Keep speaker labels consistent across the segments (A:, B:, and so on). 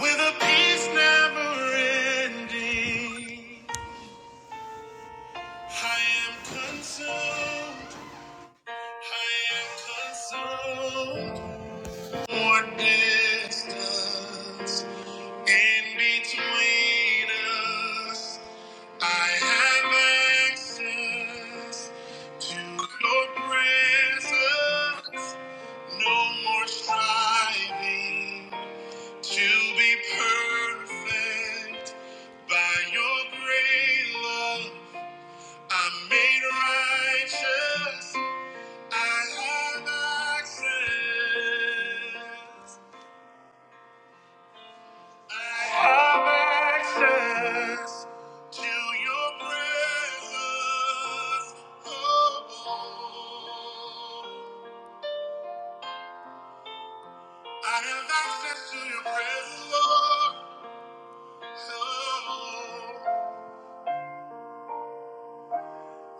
A: With a peace never ending, I am consumed. I am consumed. more distance in between us? I have access to your presence. No more striving. To be perfect by your great love, I'm made righteous. I have access. I have access to your presence. Oh, oh. I have access to your presence, Lord. Oh. oh.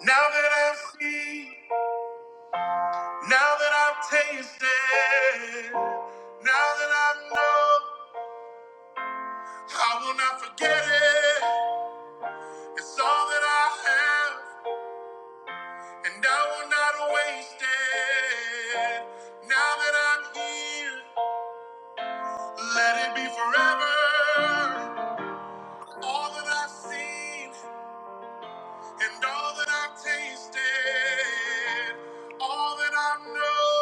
A: Now that I've seen. Now that I've tasted, now that I know, I will not forget it. It's all that I have, and I will not waste it. Now that I'm here, let it be forever. All that I've seen, and all that I've tasted, all that I know,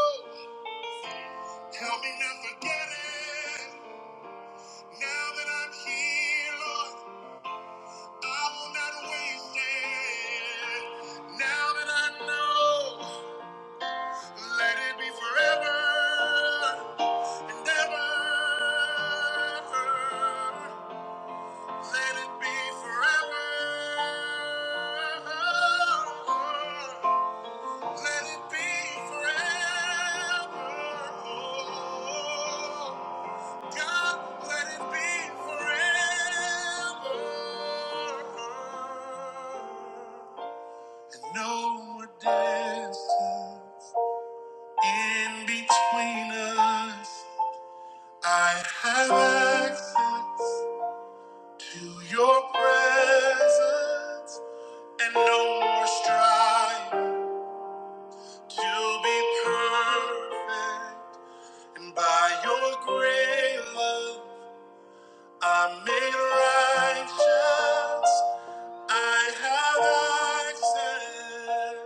A: help me not forget it. Now that I'm here, Lord. I will not waste it. Now that I know, let it be forever and ever. Let it be forever. Let it be forever. God, let it be forever. And no more distance in between us. I have access to your presence, and no more strife to be perfect. And by your great love, I'm made righteous. I have access.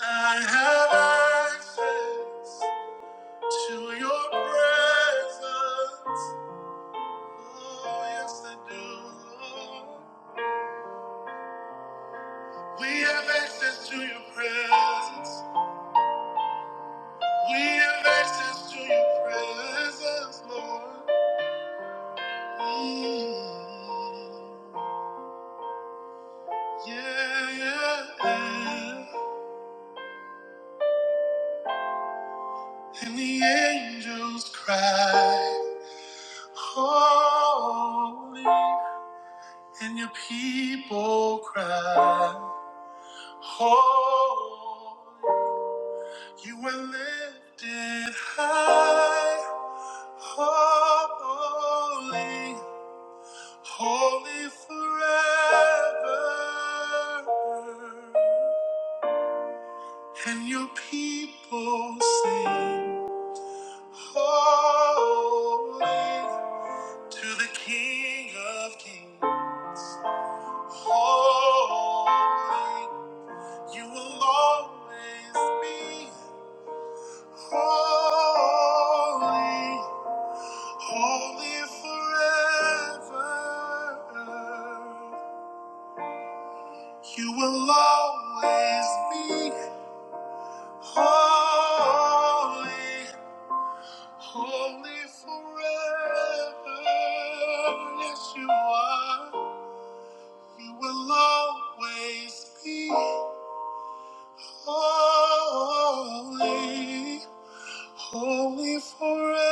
A: I have access. To your presence, oh yes I do. We have access to your presence. We have access to your presence, Lord. Mm. Yeah, yeah, yeah. And the angels cry, holy. And your people cry, holy. You were lifted high, holy, holy forever. And your people sing, holy, to the King of kings. Holy, you will always be holy. Holy forever, you will always be holy, holy forever. Yes, you are. You will always be holy, holy forever.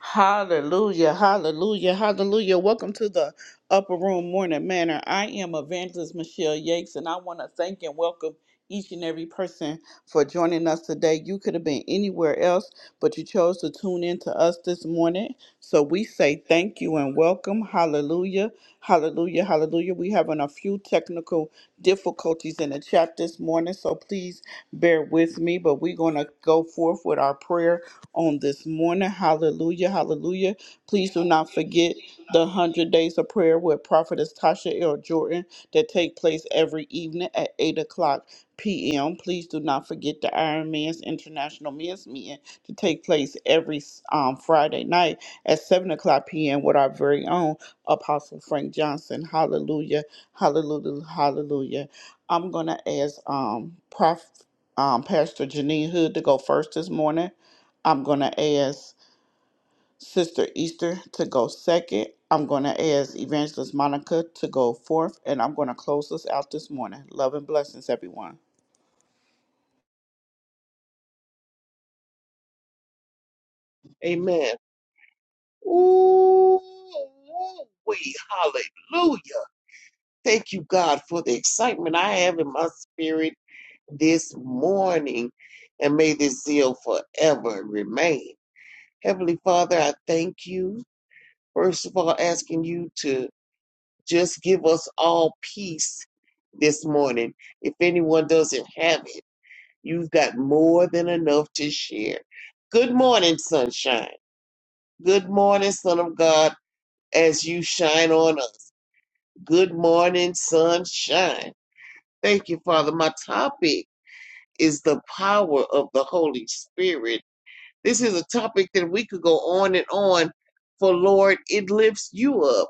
A: Hallelujah, hallelujah, hallelujah. Welcome to the Upper Room Morning Manor. I am Evangelist Michelle Yakes, and I want to thank and welcome each and every person for joining us today. You could have been anywhere else, but you chose to tune in to us this morning. So we say thank you and welcome. Hallelujah, hallelujah, hallelujah. We're having a few technical difficulties in the chat this morning, so please bear with me, but we're going to go forth with our prayer on this morning. Hallelujah. Hallelujah. Please do not forget the 100 Days of Prayer with Prophetess Tasha L. Jordan that take place every evening at 8 o'clock p.m. Please do not forget the Iron Man's International Men's Meeting to take place every um, Friday night at 7 o'clock p.m. with our very own Apostle Frank Johnson. Hallelujah. Hallelujah. Hallelujah. I'm going to ask um, Prof, um, Pastor Janine Hood to go first this morning. I'm going to ask Sister Easter to go second. I'm going to ask Evangelist Monica to go fourth. And I'm going to close us out this morning. Love and blessings, everyone.
B: Amen. Ooh, we hallelujah. Thank you, God, for the excitement I have in my spirit this morning. And may this zeal forever remain. Heavenly Father, I thank you. First of all, asking you to just give us all peace this morning. If anyone doesn't have it, you've got more than enough to share. Good morning, sunshine. Good morning, Son of God. as you shine on us. Good morning, sunshine. Thank you, Father. My topic is the power of the Holy Spirit. This is a topic that we could go on and on for, Lord, it lifts you up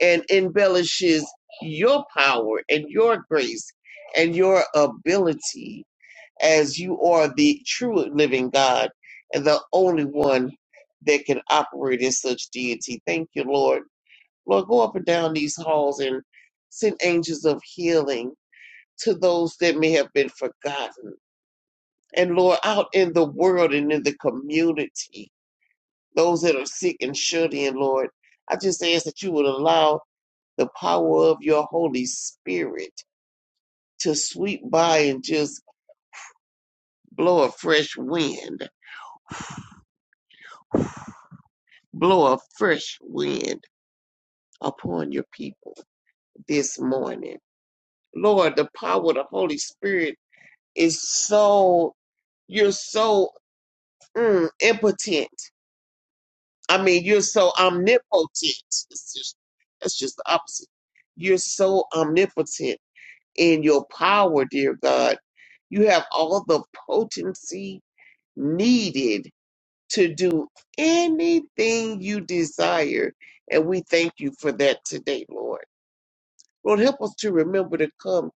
B: and embellishes your power and your grace and your ability as you are the true living God and the only one that can operate in such deity. Thank you, Lord Lord, go up and down these halls and send angels of healing to those that may have been forgotten. And Lord, out in the world and in the community, those that are sick and shut-in, Lord, I just ask that you would allow the power of your Holy Spirit to sweep by and just blow a fresh wind, blow a fresh wind upon your people this morning. Lord, the power of the Holy Spirit is so You're so mm, impotent. I mean, you're so omnipotent. It's just, that's just the opposite. You're so omnipotent in your power, dear God. You have all the potency needed to do anything you desire. And we thank you for that today, Lord. Lord, help us to remember to come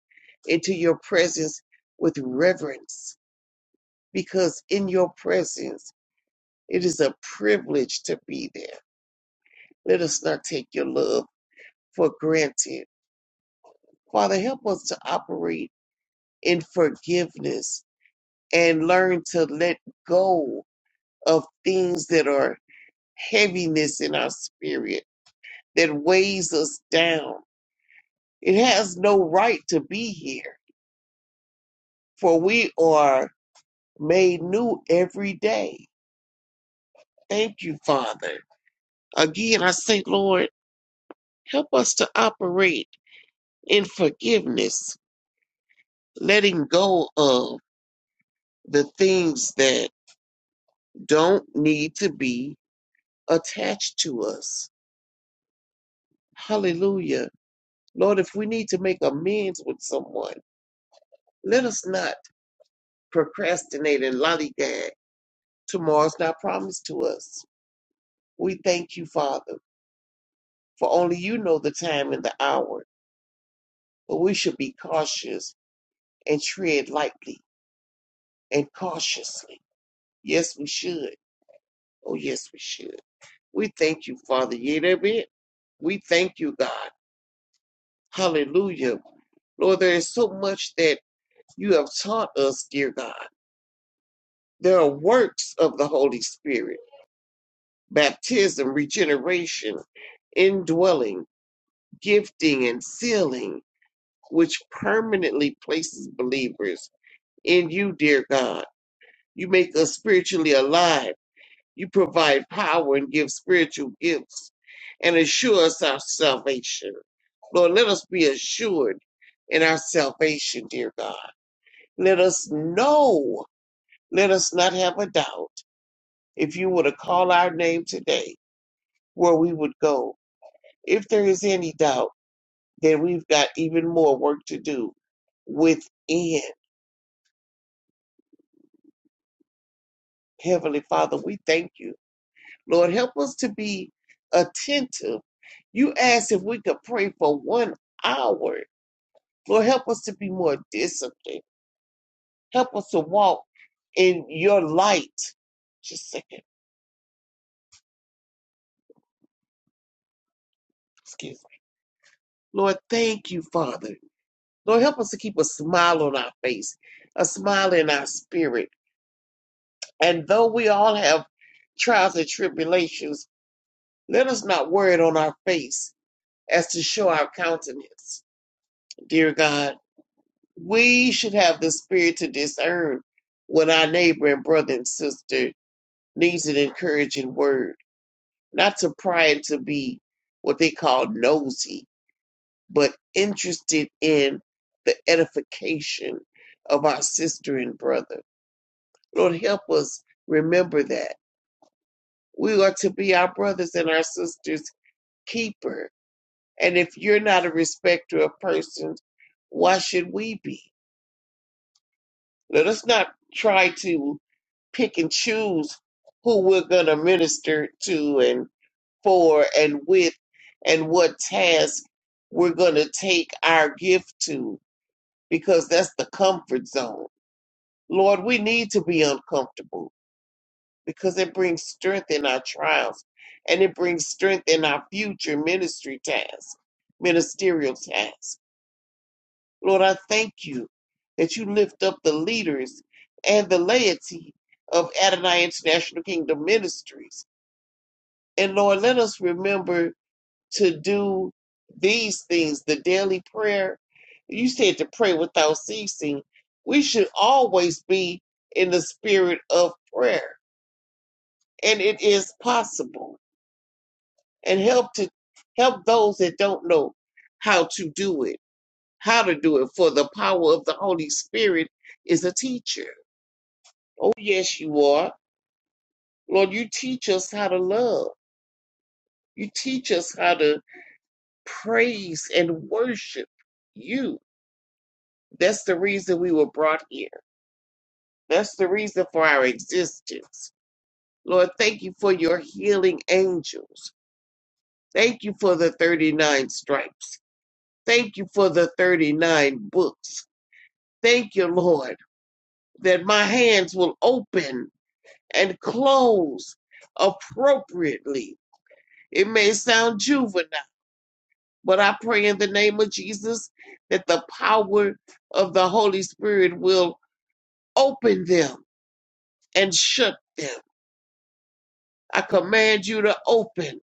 B: into your presence with reverence, because in your presence, It is a privilege to be there. Let us not take your love for granted. Father, help us to operate in forgiveness and learn to let go of things that are heaviness in our spirit that weighs us down. It has no right to be here, for we are made new every day. Thank you, Father. Again, I say, Lord, help us to operate in forgiveness letting go of the things that don't need to be attached to us. Hallelujah. Lord, if we need to make amends with someone, let us not procrastinate and lollygag. Tomorrow's not promised to us. We thank you, Father, for only you know the time and the hour, but we should be cautious and tread lightly and cautiously. Yes, we should. Oh, yes, we should. We thank you, Father Yerebet. We thank you, God. Hallelujah. Lord, there is so much that you have taught us, dear God. There are works of the Holy Spirit, baptism, regeneration, indwelling, gifting, and sealing, which permanently places believers in you, dear God. You make us spiritually alive You provide power and give spiritual gifts and assure us our salvation. Lord, let us be assured in our salvation, dear God. Let us know. Let us not have a doubt. If you were to call our name today, where we would go. If there is any doubt, then we've got even more work to do within. Heavenly Father, we thank you Lord, help us to be attentive. You asked if we could pray for one hour. Lord, help us to be more disciplined. Help us to walk in your light. Just a second. Excuse me. Lord, thank you, Father. Lord, help us to keep a smile on our face, a smile in our spirit. And though we all have trials and tribulations, let us not wear it on our face as to show our countenance. Dear God, we should have the spirit to discern when our neighbor and brother and sister needs an encouraging word, not to pry and to be what they call nosy, but interested in the edification of our sister and brother. Lord, help us remember that. We are to be our brothers and our sisters' keeper. And if you're not a respecter of persons, why should we be? Let us not try to pick and choose who we're going to minister to and for and with and what task we're going to take our gift to because that's the comfort zone. Lord, we need to be uncomfortable because it brings strength in our trials and it brings strength in our future ministry task, ministerial task. Lord, I thank you that you lift up the leaders and the laity of Adonai International Kingdom Ministries And Lord, let us remember to do these things the daily prayer. You said to pray without ceasing. We should always be in the spirit of prayer, and it is possible. And help to help those that don't know how to do it, how to do it. For the power of the Holy Spirit is a teacher. Oh yes, you are, Lord. You teach us how to love. You teach us how to praise and worship you. That's the reason we were brought here. That's the reason for our existence. Lord, thank you for your healing angels. Thank you for the 39 stripes. Thank you for the 39 books. Thank you, Lord, that my hands will open and close appropriately. It may sound juvenile, but I pray in the name of Jesus that the power of the Holy Spirit will Open them and shut them. I command you to open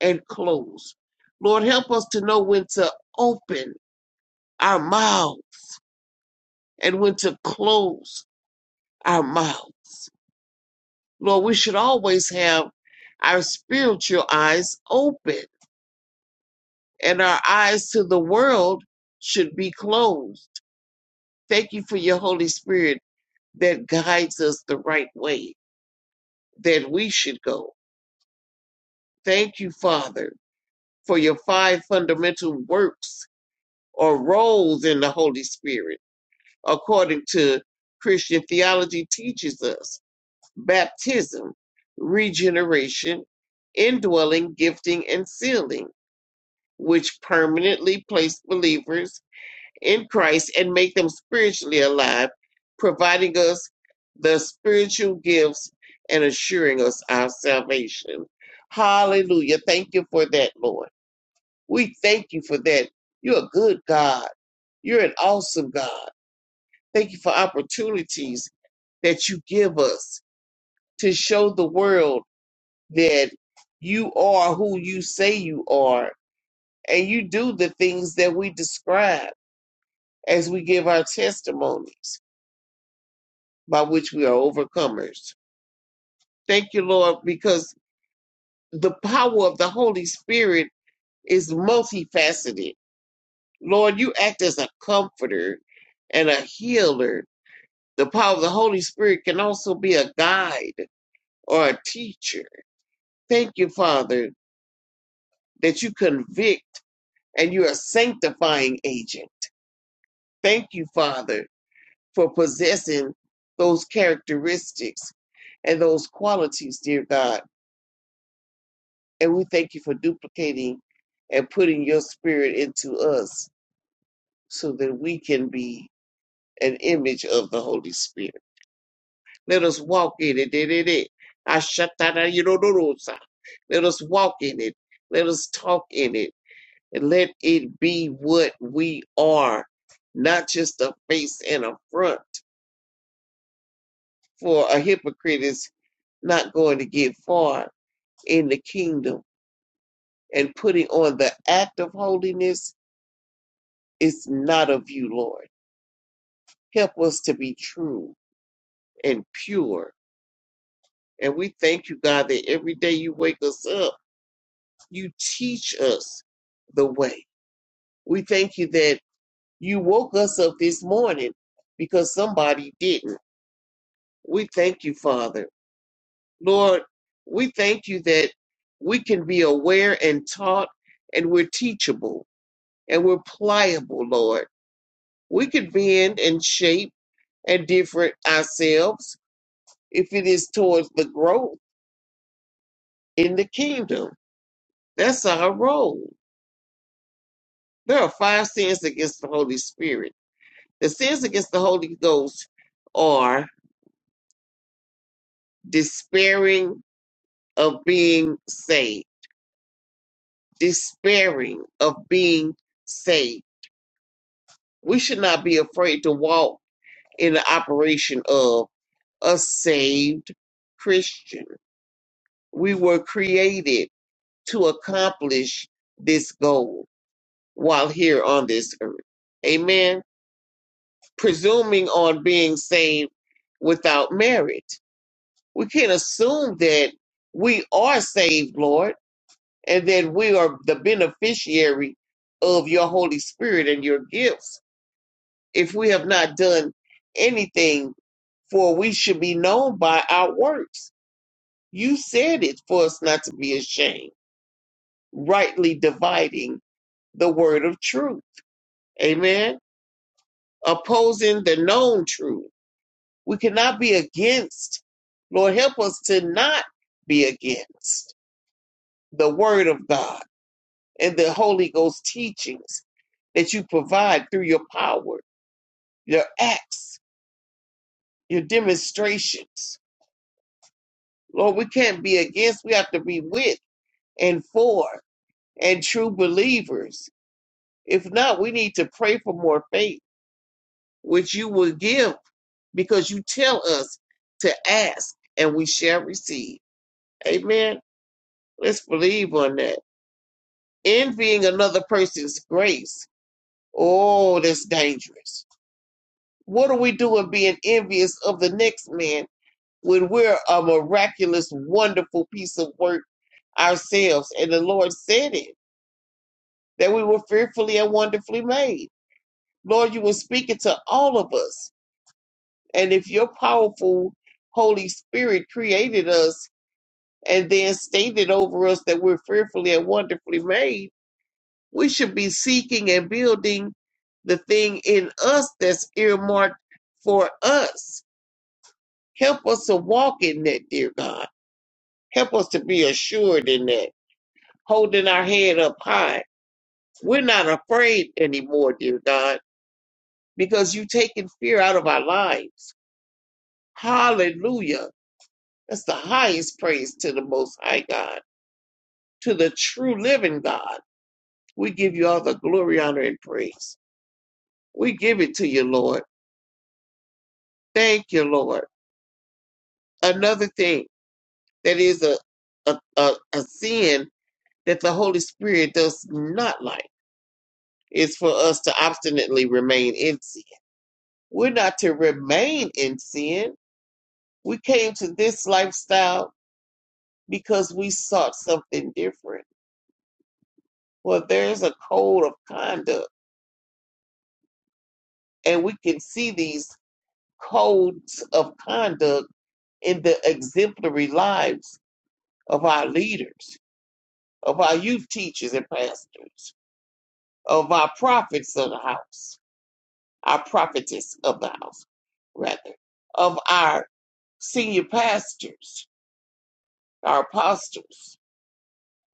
B: and close. Lord, help us to know when to open our mouth and when to close our mouths. Lord, we should always have our spiritual eyes open and our eyes to the world should be closed. Thank you for your Holy Spirit that guides us the right way that we should go. Thank you, Father for your five fundamental works or roles in the Holy Spirit, according to Christian theology teaches us baptism, regeneration, indwelling, gifting, and sealing, which permanently place believers in Christ and make them spiritually alive, providing us the spiritual gifts and assuring us our salvation. Hallelujah. Thank you for that, Lord. We thank you for that. You're a good God. You're an awesome God. Thank you for opportunities that you give us to show the world that you are who you say you are and you do the things that we describe as we give our testimonies by which we are overcomers. Thank you, Lord, because the power of the Holy Spirit is multifaceted. Lord, you act as a comforter and a healer The power of the Holy Spirit can also be a guide or a teacher. Thank you, Father, that you convict and you're a sanctifying agent. Thank you, Father, for possessing those characteristics and those qualities, dear God. And we thank you for duplicating and putting your spirit into us so that we can be an image of the Holy Spirit. Let us walk in it. it, it, it. Ashatarayirodosa. Let us walk in it. Let us talk in it. And let it be what we are, not just a face and a front. For a hypocrite is not going to get far in the kingdom. And putting on the act of holiness is not of you, Lord. Help us to be true and pure. And we thank you, God, that every day you wake us up you teach us the way. We thank you that you woke us up this morning because somebody didn't. We thank you, Father. Lord, we thank you that we can be aware and taught and we're teachable and we're pliable, Lord. We can bend and shape and different ourselves if it is towards the growth in the kingdom. That's our role. There are five sins against the Holy Spirit The sins against the Holy Ghost are despairing of being saved, despairing of being saved. We should not be afraid to walk in the operation of a saved Christian. We were created to accomplish this goal while here on this earth. Amen. Presuming on being saved without merit. We can't assume that we are saved, Lord, and that we are the beneficiary of your Holy Spirit and your gifts. If we have not done anything, for we should be known by our works. You said it for us not to be ashamed, rightly dividing the word of truth. Amen. Opposing the known truth. We cannot be against. Lord, help us to not be against the word of God and the Holy Ghost teachings that you provide through your power, your acts, your demonstrations. Lord, we can't be against, we have to be with and for and true believers. If not, we need to pray for more faith, which you will give because you tell us to ask and we shall receive. Amen. Let's believe on that. Envying another person's grace. Oh, that's dangerous What do we do in being envious of the next man when we're a miraculous, wonderful piece of work ourselves? And the Lord said it, that we were fearfully and wonderfully made. Lord, you were speaking to all of us. And if your powerful Holy Spirit created us and then stated over us that we're fearfully and wonderfully made, we should be seeking and building the thing in us that's earmarked for us Help us to walk in that, dear God. Help us to be assured in that, holding our head up high. We're not afraid anymore, dear God, because you've taken fear out of our lives. Hallelujah. That's the highest praise to the Most High God, to the true living God. We give you all the glory, honor, and praise. We give it to you, Lord. Thank you, Lord. Another thing that is a, a, a, a sin that the Holy Spirit does not like is for us to obstinately remain in sin. We're not to remain in sin. We came to this lifestyle because we sought something different. Well, there's a code of conduct, and we can see these codes of conduct in the exemplary lives of our leaders, of our youth teachers and pastors, of our prophets of the house, our prophetess of the house, rather, of our senior pastors, our apostles,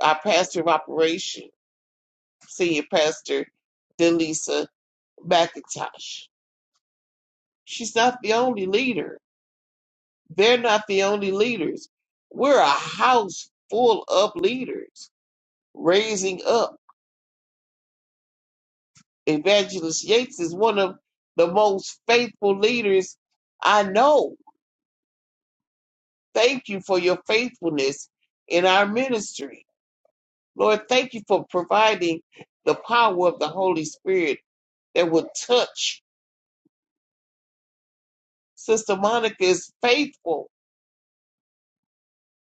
B: our pastor of operation, senior pastor Delisa McIntosh. She's not the only leader. They're not the only leaders. We're a house full of leaders raising up. Evangelist Yates is one of the most faithful leaders I know. Thank you for your faithfulness in our ministry. Lord, thank you for providing the power of the Holy Spirit that will touch Sister Monica is faithful.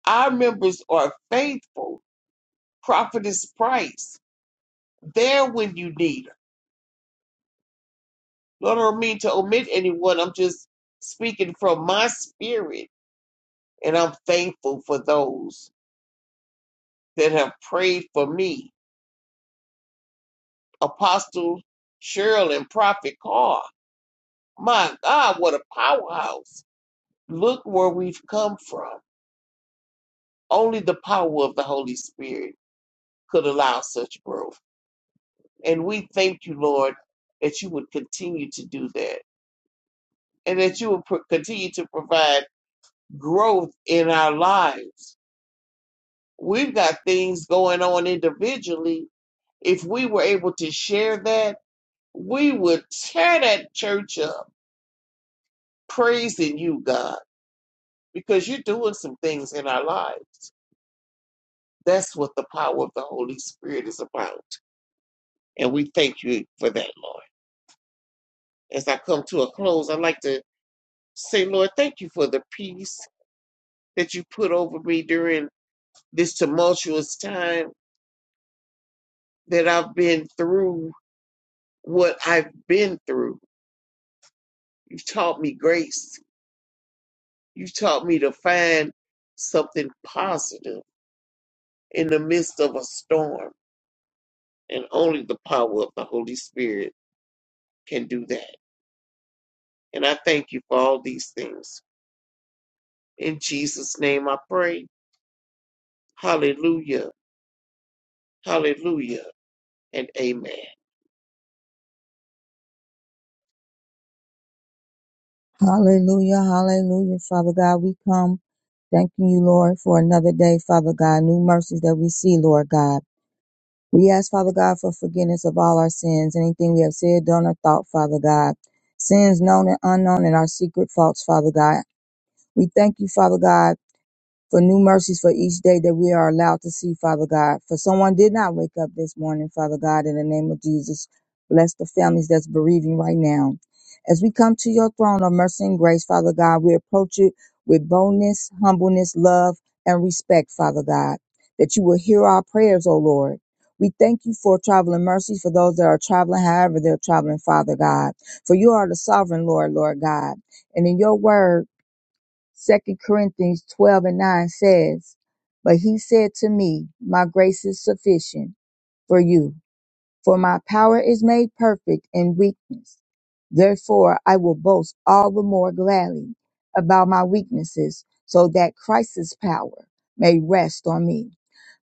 B: Our members are faithful. Prophetess Price, there when you need her. Lord, I don't mean to omit anyone. I'm just speaking from my spirit, and I'm thankful for those that have prayed for me. Apostle Cheryl and Prophet Carr. My God, what a powerhouse. Look where we've come from. Only the power of the Holy Spirit could allow such growth. And we thank you, Lord, that you would continue to do that and that you would pro- continue to provide growth in our lives. We've got things going on individually. If we were able to share that, we would tear that church up, praising you, God, because you're doing some things in our lives. That's what the power of the Holy Spirit is about. And we thank you for that, Lord. As I come to a close, I'd like to say, Lord, thank you for the peace that you put over me during this tumultuous time that I've been through what I've been through. You've taught me grace. You've taught me to find something positive in the midst of a storm. And only the power of the Holy Spirit can do that. And I thank you for all these things. In Jesus' name I pray. Hallelujah. Hallelujah. And amen.
C: Hallelujah, hallelujah, Father God. We come thanking you, Lord, for another day, Father God, new mercies that we see, Lord God. We ask, Father God, for forgiveness of all our sins, anything we have said, done, or thought, Father God. Sins known and unknown and our secret faults, Father God. We thank you, Father God for new mercies for each day that we are allowed to see, Father God. For someone did not wake up this morning, Father God, in the name of Jesus, bless the families that's bereaving right now. As we come to your throne of mercy and grace, Father God, we approach it with boldness, humbleness, love, and respect, Father God, that you will hear our prayers, O Lord. We thank you for traveling mercies for those that are traveling, however they're traveling, Father God. For you are the sovereign Lord, Lord God. And in your word, Second Corinthians 12 and 9 says, But he said to me, My grace is sufficient for you, for my power is made perfect in weakness. Therefore, I will boast all the more gladly about my weaknesses, so that Christ's power may rest on me.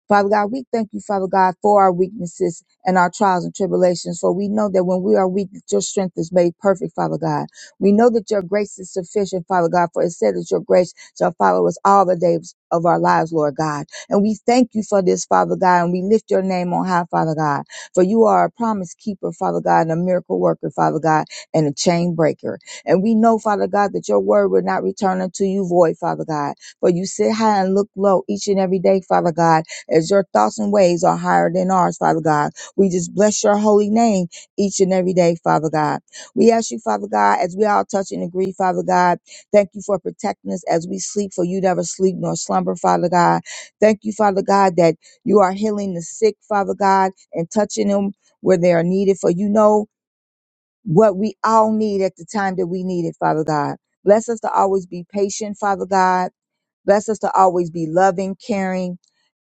C: Father God, we thank you, Father God, for our weaknesses and our trials and tribulations. For we know that when we are weak, your strength is made perfect, Father God. We know that your grace is sufficient, Father God, for it said that your grace shall follow us all the days of our lives, Lord God. And we thank you for this, Father God, and we lift your name on high, Father God. For you are a promise keeper, Father God, and a miracle worker, Father God, and a chain breaker. And we know, Father God, that your word will not return unto you void, Father God. For you sit high and look low each and every day, Father God as your thoughts and ways are higher than ours, Father God. We just bless your holy name each and every day, Father God. We ask you, Father God, as we all touch and agree, Father God, thank you for protecting us as we sleep, for you never sleep nor slumber, Father God. Thank you, Father God, that you are healing the sick, Father God, and touching them where they are needed, for you know what we all need at the time that we need it, Father God. Bless us to always be patient, Father God Bless us to always be loving, caring,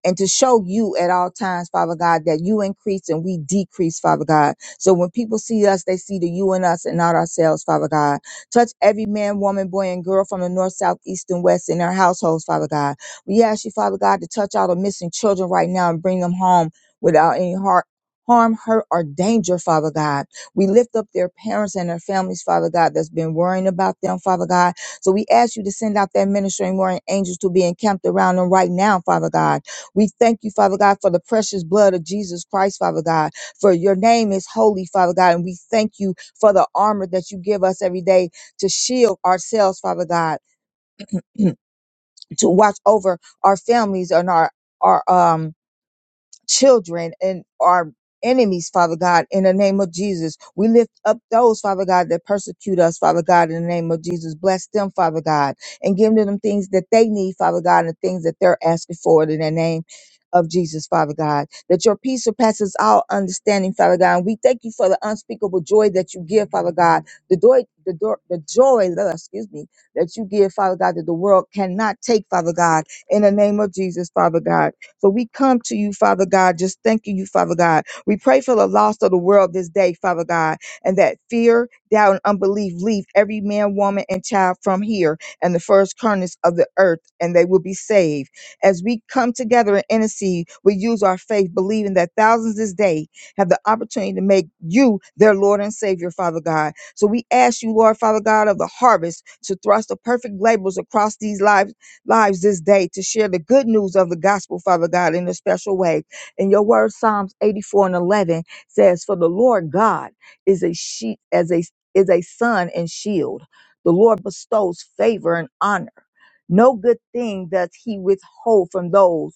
C: and to show you at all times, Father God, that you increase and we decrease, Father God. So when people see us, they see the you in us and not ourselves, Father God. Touch every man, woman, boy, and girl from the north, south, east, and west in their households, Father God. We ask you, Father God, to touch all the missing children right now and bring them home without any heart. Harm, hurt, or danger, Father God. We lift up their parents and their families, Father God, that's been worrying about them, Father God so we ask you to send out that ministering warring angels to be encamped around them right now, Father God. We thank you, Father God, for the precious blood of Jesus Christ, Father God. For your name is holy, Father God. And we thank you for the armor that you give us every day to shield ourselves, Father God, to watch over our families and our our um children and our enemies, Father God, in the name of Jesus. We lift up those, Father God, that persecute us, Father God, in the name of Jesus. Bless them, Father God, and give them things that they need, Father God, and things that they're asking for in the name of Jesus, Father God, that your peace surpasses all understanding, Father God. And we thank you for the unspeakable joy that you give, Father God. The joy, the, do- the joy, uh, excuse me, that you give, Father God, that the world cannot take, Father God, in the name of Jesus, Father God. So we come to you, Father God, just thanking you, Father God. We pray for the lost of the world this day, Father God, and that fear, doubt, and unbelief leave every man, woman, and child from here and the first corners of the earth, and they will be saved. As we come together and intercede, we use our faith, believing that thousands this day have the opportunity to make you their Lord and Savior, Father God. So we ask you, Lord, Father God, of the harvest to thrust the perfect labels across these lives lives this day to share the good news of the gospel, Father God, in a special way. And your word, Psalms 84 and 11, says, For the Lord God is a sheet, as a is a sun and shield. The Lord bestows favor and honor. No good thing does he withhold from those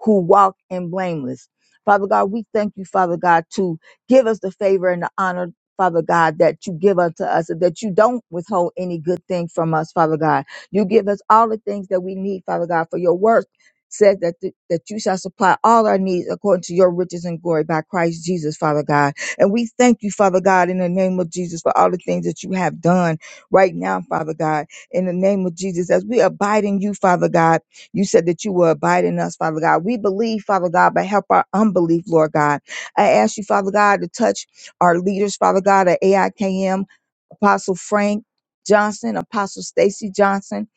C: who walk in blameless. Father God, we thank you, Father God, to give us the favor and the honor, Father God, that you give unto us, and that you don't withhold any good thing from us, Father God. You give us all the things that we need, Father God, for your work says that th- that you shall supply all our needs according to your riches and glory by Christ Jesus, Father God. And we thank you, Father God, in the name of Jesus for all the things that you have done right now, Father God. In the name of Jesus, as we abide in you, Father God, you said that you will abide in us, Father God. We believe, Father God, but help our unbelief, Lord God. I ask you, Father God, to touch our leaders, Father God, at AIKM, Apostle Frank Johnson, Apostle Stacy Johnson,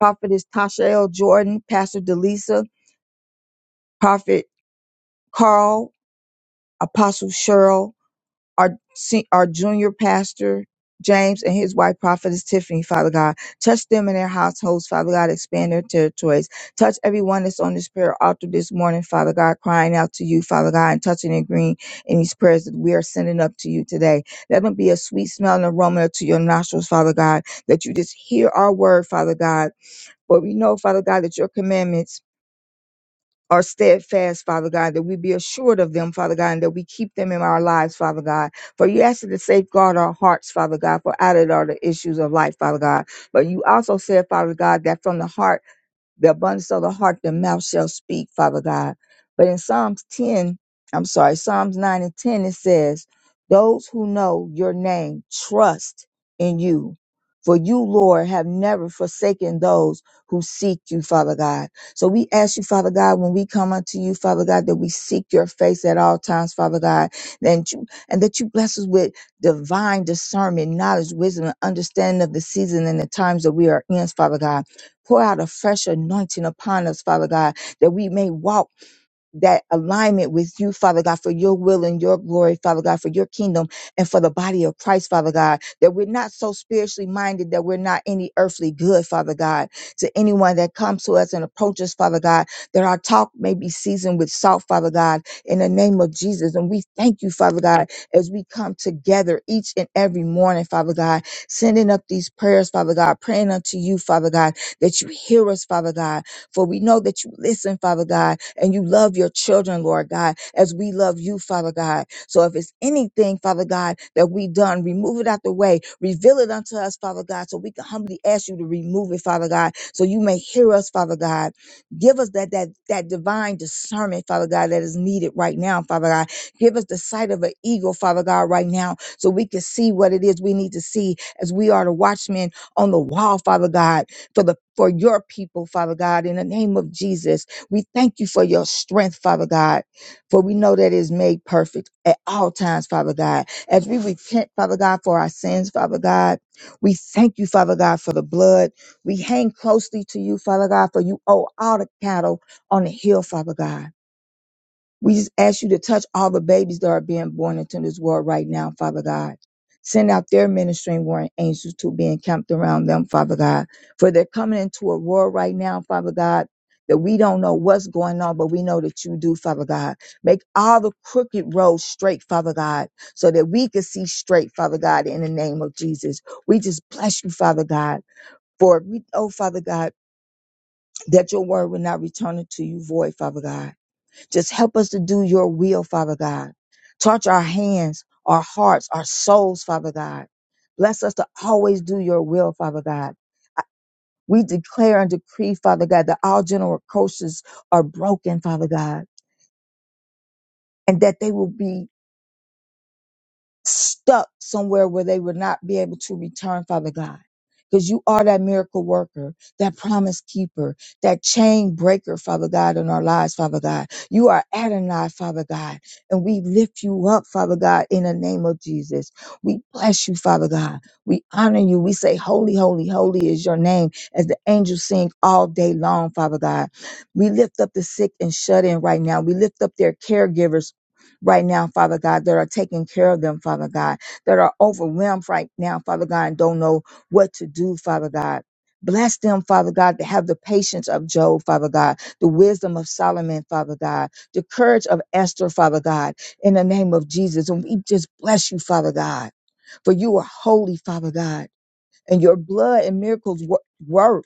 C: Prophetess Tasha L. Jordan, Pastor Delisa, Prophet Carl, Apostle Cheryl, our se- our junior pastor James and his wife prophetess Tiffany, Father God. Touch them and their households, Father God. Expand their territories. Touch everyone that's on this prayer altar this morning, Father God, crying out to you, Father God, and touching and agreeing in these prayers that we are sending up to you today. Let them be a sweet smelling aroma to your nostrils, Father God, that you just hear our word, Father God. But we know, Father God, that your commandments are steadfast, Father God, that we be assured of them, Father God, and that we keep them in our lives, Father God. For you asked us to safeguard our hearts, Father God, for out of it are the issues of life, Father God. But you also said, Father God, that from the heart the abundance of the heart, the mouth shall speak, Father God. But in Psalms 10, I'm sorry, Psalms 9 and 10, it says, Those who know your name trust in you. For you, Lord, have never forsaken those who seek you, Father God. So we ask you, Father God, when we come unto you, Father God, that we seek your face at all times, Father God, and, you, and that you bless us with divine discernment, knowledge, wisdom, and understanding of the season and the times that we are in, Father God. Pour out a fresh anointing upon us, Father God, that we may walk that alignment with you, Father God, for your will and your glory, Father God, for your kingdom and for the body of Christ, Father God, that we're not so spiritually minded that we're not any earthly good, Father God, to anyone that comes to us and approaches, Father God, that our talk may be seasoned with salt, Father God, in the name of Jesus. And we thank you, Father God, as we come together each and every morning, Father God, sending up these prayers, Father God, praying unto you, Father God, that you hear us, Father God, for we know that you listen, Father God, and you love your children, Lord God, as we love you, Father God. So if it's anything, Father God, that we done, remove it out the way. Reveal it unto us, Father God, so we can humbly ask you to remove it, Father God, so you may hear us, Father God. Give us that that that divine discernment, Father God, that is needed right now, Father God. Give us the sight of an eagle, Father God, right now, so we can see what it is we need to see as we are the watchmen on the wall, Father God for the for your people, Father God, in the name of Jesus. We thank you for your strength, Father God, for we know that it is made perfect at all times, Father God. As we repent, Father God, for our sins, Father God, we thank you, Father God, for the blood. We hang closely to you, Father God, for you owe all the cattle on the hill, Father God. We just ask you to touch all the babies that are being born into this world right now, Father God. Send out their ministering warring angels to be encamped around them, Father God. For they're coming into a world right now, Father God, that we don't know what's going on, but we know that you do, Father God. Make all the crooked roads straight, Father God, so that we can see straight, Father God, in the name of Jesus. We just bless you, Father God. For we know, Father God, that your word will not return to you void, Father God. Just help us to do your will, Father God. Touch our hands, our hearts, our souls, Father God. Bless us to always do your will, Father God. I- We declare and decree, Father God, that all general curses are broken, Father God, and that they will be stuck somewhere where they would not be able to return, Father God. Because you are that miracle worker, that promise keeper, that chain breaker, Father God, in our lives, Father God. You are Adonai, Father God. And we lift you up, Father God, in the name of Jesus. We bless you, Father God. We honor you. We say, Holy, holy, holy is your name, as the angels sing all day long, Father God. We lift up the sick and shut in right now. We lift up their caregivers right now, Father God, that are taking care of them, Father God, that are overwhelmed right now, Father God, and don't know what to do, Father God. Bless them, Father God, to have the patience of Job, Father God, the wisdom of Solomon, Father God, the courage of Esther, Father God, in the name of Jesus. And we just bless you, Father God, for you are holy, Father God, and your blood and miracles wo- work.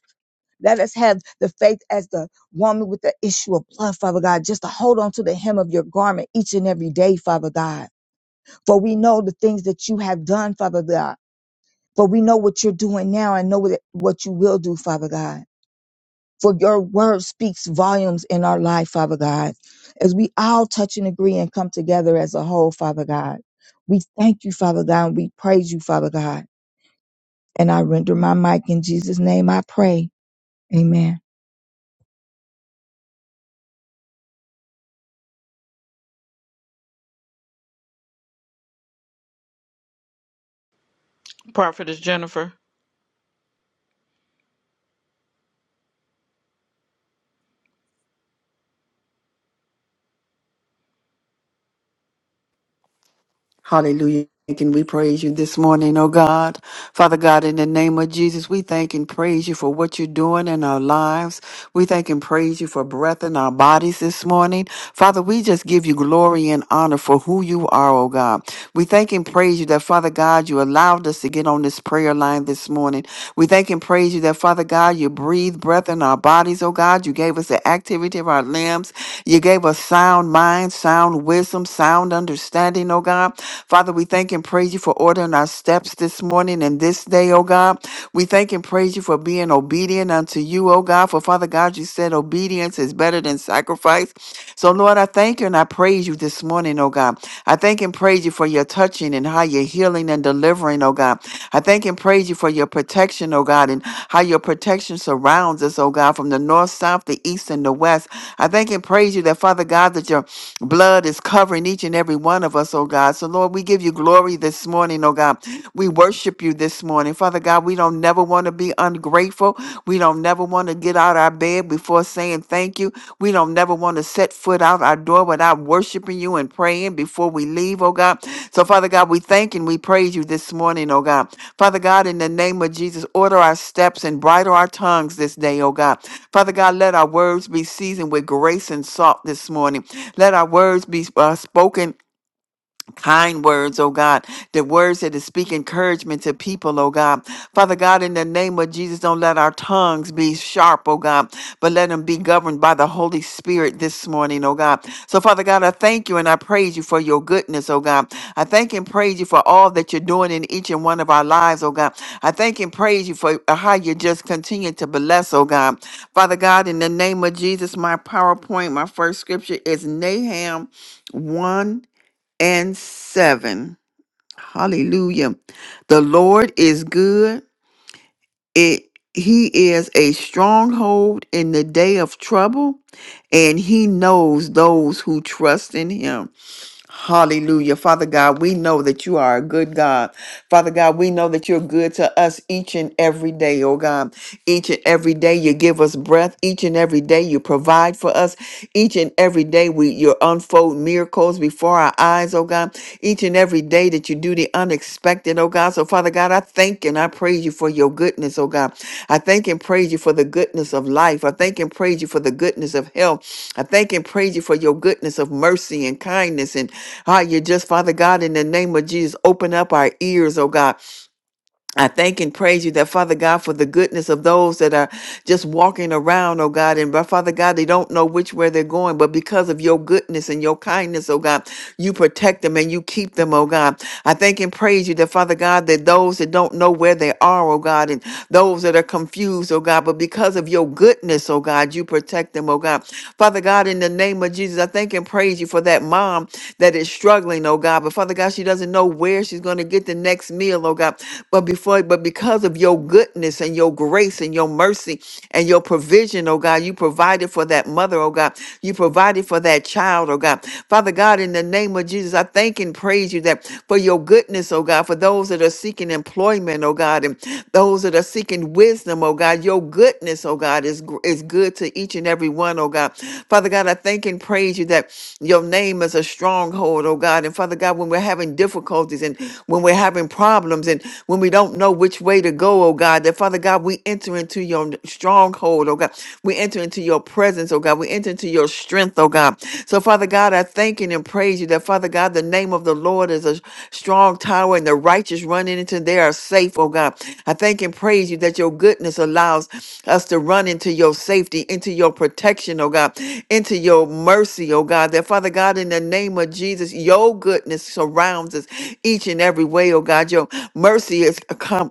C: Let us have the faith as the woman with the issue of blood, Father God, just to hold on to the hem of your garment each and every day, Father God. For we know the things that you have done, Father God. For we know what you're doing now and know what what you will do, Father God. For your word speaks volumes in our life, Father God. As we all touch and agree and come together as a whole, Father God. We thank you, Father God, and we praise you, Father God. And I render my mic in Jesus' name, I pray. Amen.
A: Prophetess Jennifer.
D: Hallelujah. Can we praise you this morning, oh God? Father God, in the name of Jesus, we thank and praise you for what you're doing in our lives. We thank and praise you for breath in our bodies this morning. Father, we just give you glory and honor for who you are, oh God. We thank and praise you that, Father God, you allowed us to get on this prayer line this morning. We thank and praise you that, Father God, you breathe breath in our bodies, oh God. You gave us the activity of our limbs. You gave us sound mind, sound wisdom, sound understanding, oh God. Father, we thank and praise you for ordering our steps this morning and this day, oh God. We thank and praise you for being obedient unto you, oh God. For Father God, you you said obedience is better than sacrifice. So, Lord, I thank you and I praise you this morning, oh God. I thank and praise you for your touching and how you're healing and delivering, oh God. I thank and praise you for your protection, oh God, and how your protection surrounds us, oh God, from the north, south, the east, and the west. I thank and praise you that, Father God, that your blood is covering each and every one of us, oh God. So, Lord, we give you glory this morning, oh God. We worship you this morning. Father God, we don't never want to be ungrateful. We don't never want to get out our bed before saying thank you. We don't never want to set foot out our door without worshiping you you and praying before we leave, oh God. So, Father God, we thank and we praise you this morning, oh God. Father God, in the name of Jesus, order our steps and bridle our tongues this day, oh God. Father God, let our words be seasoned with grace and salt this morning. Let our words be uh, spoken Kind words, oh God, the words that is speak encouragement to people, oh God. Father God, in the name of Jesus, don't let our tongues be sharp, oh God, but let them be governed by the Holy Spirit this morning, oh God. So, Father God, I thank you and I praise you for your goodness, oh God. I thank and praise you for all that you're doing in each and one of our lives, oh God. I thank and praise you for uh, how you just continue to bless, oh God. Father God, in the name of Jesus, my PowerPoint, my first scripture is Nahum 1 and 7. Hallelujah. The Lord is good. It he is a stronghold in the day of trouble, and he knows those who trust in him. Hallelujah. Father God, we know that you are a good God. Father God, we know that you're good to us each and every day, oh God. Each and every day you give us breath. Each and every day you provide for us. Each and every day we you unfold miracles before our eyes, oh God. Each and every day that you do the unexpected, oh God. So Father God, I thank and I praise you for your goodness, oh God. I thank and praise you for the goodness of life. I thank and praise you for the goodness of health. I thank and praise you for your goodness of mercy and kindness and Ah, you just, Father God, in the name of Jesus, open up our ears, oh God. I thank and praise you that, Father God, for the goodness of those that are just walking around, oh God. And Father God, they don't know which way they're going, but because of your goodness and your kindness, oh God, you protect them and you keep them, oh God. I thank and praise you that, Father God, that those that don't know where they are, oh God, and those that are confused, oh God, but because of your goodness, oh God, you protect them, oh God. Father God, in the name of Jesus, I thank and praise you for that mom that is struggling, oh God. But Father God, she doesn't know where she's going to get the next meal, oh God. But before, but because of your goodness and your grace, grace and your mercy and your provision, oh God. You provided for that mother, oh God. You provided for that child, oh God. Father God, in the name of Jesus, I thank and praise you that for your goodness, oh God, for those that are seeking employment, oh God, and those that are seeking wisdom, oh God. Your goodness, oh God, is, gr- is good to each and every one, oh God. Father God, I thank and praise you that your name is a stronghold, oh God. And Father God, when we're having difficulties and when we're having problems and when we don't know which way to go, oh God. God, that Father God, we enter into your stronghold, oh God. We enter into your presence, oh God. We enter into your strength, oh God. So, Father God, I thank and praise you that, Father God, the name of the Lord is a strong tower and the righteous run into they are safe, oh God. I thank and praise you that your goodness allows us to run into your safety, into your protection, oh God, into your mercy, oh God. That, Father God, in the name of Jesus, your goodness surrounds us each and every way, oh God. Your mercy is come.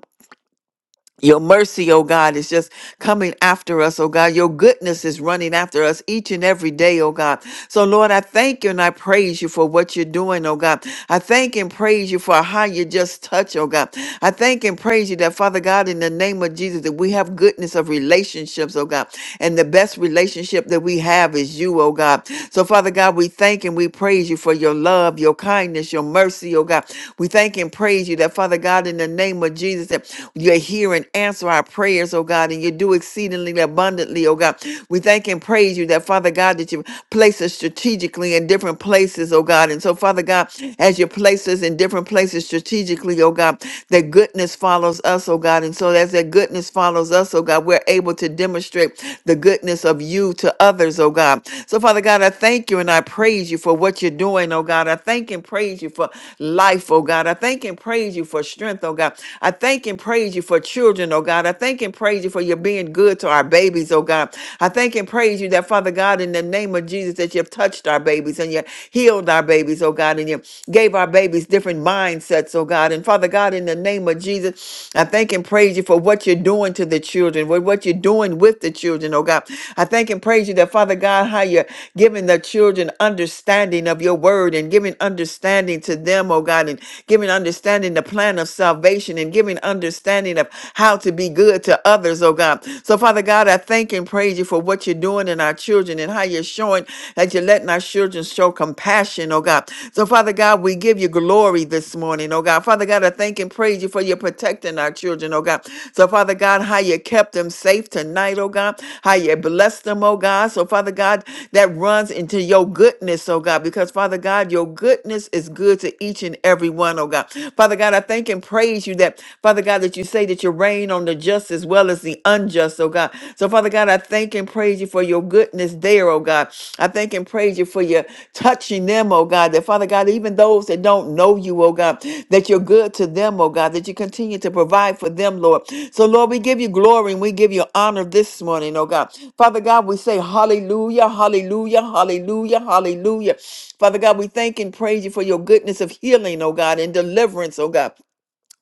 D: Your mercy, oh God, is just coming after us, oh God. Your goodness is running after us each and every day, oh God. So, Lord, I thank you and I praise you for what you're doing, oh God. I thank and praise you for how you just touch, oh God. I thank and praise you that, Father God, in the name of Jesus, that we have goodness of relationships, oh God. And the best relationship that we have is you, oh God. So, Father God, we thank and we praise you for your love, your kindness, your mercy, oh God. We thank and praise you that, Father God, in the name of Jesus, that you hear and answer our prayers, oh God, and you do exceedingly abundantly, oh God. We thank and praise you that, Father God, that you place us strategically in different places, oh God. And so, Father God, as you place us in different places strategically, oh God, that goodness follows us, oh God. And so, as that goodness follows us, oh God, we're able to demonstrate the goodness of you to others, oh God. So, Father God, I thank you and I praise you for what you're doing, oh God. I thank and praise you for life, oh God. I thank and praise you for strength, oh God. I thank and praise you for children, oh God. I thank and praise you for your being good to our babies, oh God. I thank and praise you that, Father God, in the name of Jesus, that you've touched our babies and you healed our babies, oh God, and you gave our babies different mindsets, oh God. And Father God, in the name of Jesus, I thank and praise you for what you're doing to the children, with what you're doing with the children, oh God. I thank and praise you that, Father God, how you're giving the children understanding of your word and giving understanding to them, oh God, and giving understanding the plan of salvation and revelation and giving understanding of how to be good to others, oh God. So, Father God, I thank and praise you for what you're doing in our children and how you're showing that you're letting our children show compassion, oh God. So, Father God, we give you glory this morning, oh God. Father God, I thank and praise you for your protecting our children, oh God. So, Father God, how you kept them safe tonight, oh God. How you blessed them, oh God. So, Father God, that runs into your goodness, oh God, because Father God, your goodness is good to each and every one, oh God. Father God, I thank and praise praise you that, Father God, that you say that you reign on the just as well as the unjust, oh God. So, Father God, I thank and praise you for your goodness there, oh God. I thank and praise you for your touching them, oh God. That, Father God, even those that don't know you, oh God, that you're good to them, oh God, that you continue to provide for them, Lord. So, Lord, we give you glory and we give you honor this morning, oh God. Father God, we say hallelujah, hallelujah, hallelujah, hallelujah. Father God, we thank and praise you for your goodness of healing, oh God, and deliverance, oh God.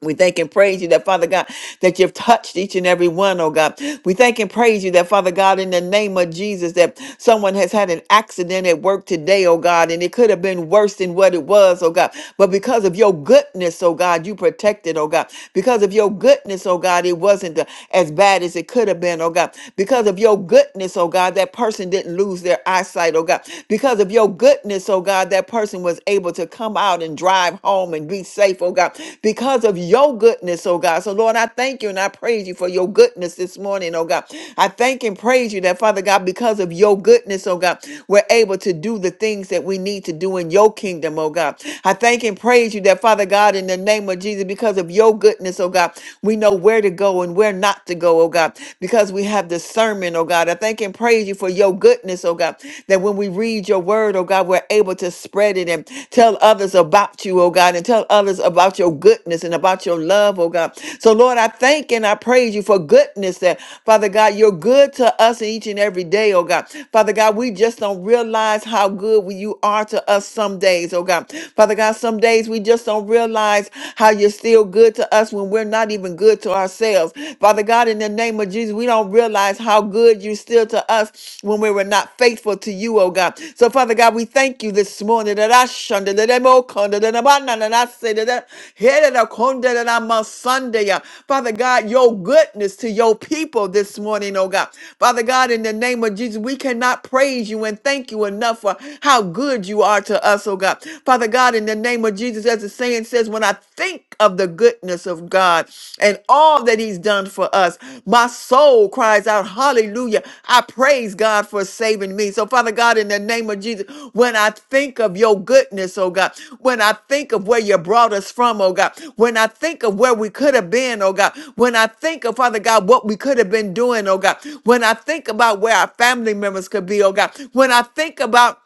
D: We thank and praise you that, Father God, that you've touched each and every one, oh God. We thank and praise you that, Father God, in the name of Jesus, that someone has had an accident at work today, oh God, and it could have been worse than what it was, oh God. But because of your goodness, oh God, you protected, oh God. Because of your goodness, oh God, it wasn't uh, as bad as it could have been, oh God. Because of your goodness, oh God, that person didn't lose their eyesight, oh God. Because of your goodness, oh God, that person person was able to come out and drive home and be safe, oh God, because of your goodness, oh God. So, Lord, I thank you and I praise you for your goodness this morning, oh God. I thank and praise you that, Father God, because of your goodness, oh God, we're able to do the things that we need to do in your kingdom, oh God. I thank and praise you that, Father God, in the name of Jesus, because of your goodness, oh God, we know where to go and where not to go, oh God, because we have discernment, oh God. I thank and praise you for for your goodness, oh God, that when we read your word, oh God, we're able to spread it and tell others about you, oh God, and tell others about your goodness and about your love, oh God. So, Lord, I thank and I praise you for goodness that, Father God, you're good to us each and every day, oh God. Father God, we just don't realize how good we- you are to us some days, oh God. Father God, some days we just don't realize how you're still good to us when we're not even good to ourselves. Father God, in the name of Jesus, we don't realize how good you're still to us when we were not faithful to you, oh God. So, Father God, we thank you this morning that I shunned that I'm all conda, that I'm on, and I say that I- here that I come, that I'm on Sunday. uh. Father God, your goodness to your people this morning, oh God. Father God, in the name of Jesus, we cannot praise you and thank you enough for how good you are to us, oh God. Father God, in the name of Jesus, as the saying saying says, When I think of the goodness of God and all that He's done for us, my soul cries out, Hallelujah. I praise God for saving me. So, Father God, in the name of Jesus, when I think of your goodness, oh God, when I think of where you brought us from, oh God, when I think of where we could have been, oh God, when I think of, Father God, what we could have been doing, oh God, when I think about where our family members could be, oh God, when I think about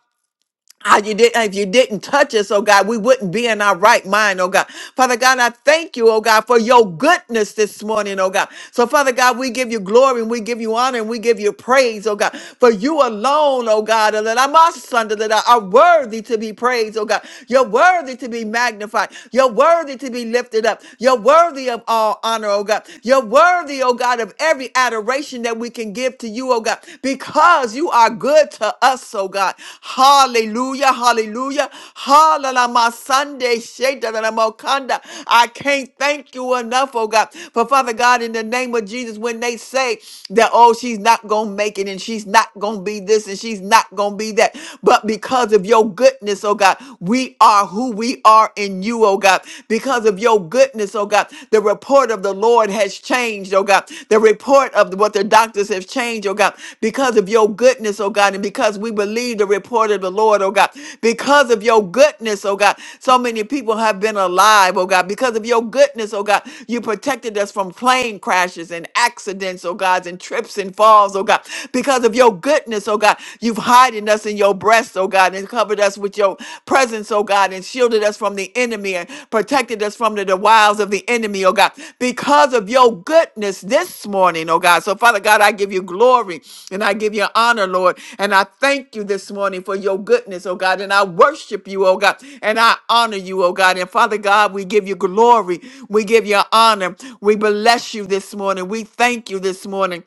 D: Ah, you did, if you didn't touch us, oh God, we wouldn't be in our right mind, oh God. Father God, I thank you, oh God, for your goodness this morning, oh God. So, Father God, we give you glory and we give you honor and we give you praise, oh God. For you alone, oh God, and that I'm our son, that I are worthy to be praised, oh God. You're worthy to be magnified. You're worthy to be lifted up. You're worthy of all honor, oh God. You're worthy, oh God, of every adoration that we we can give to you, oh God, because you are good to us, oh God. Hallelujah, hallelujah, hallelujah. My Sunday, Shedadadamokanda. I can't thank you enough, oh God. For Father God, in the name of Jesus, when they say that, oh, she's not going to make it and she's not going to be this and she's not going to be that, but because of your goodness, oh God, we are who we are in you, oh God, because of your goodness, oh God. The report of the Lord has changed, oh God. The report of what the doctors have changed, oh God, because of your goodness, oh God, and because we believe the report of the Lord, oh God, because of your goodness, oh God. So many people have been alive, oh God, because of your goodness, oh God. You protected us from plane crashes and accidents, oh God, and trips and falls, oh God, because of your goodness, oh God. You've hiding us in your breast, oh God. God, and covered us with your presence, oh God, and shielded us from the enemy and protected us from the, the wiles of the enemy, oh God, because of your goodness this morning, oh God. So, Father God, I give you glory and I give you honor, Lord. And I thank you this morning for your goodness, oh God. And I worship you, oh God. And I honor you, oh God. And Father God, we give you glory. We give you honor. We bless you this morning. We thank you this morning.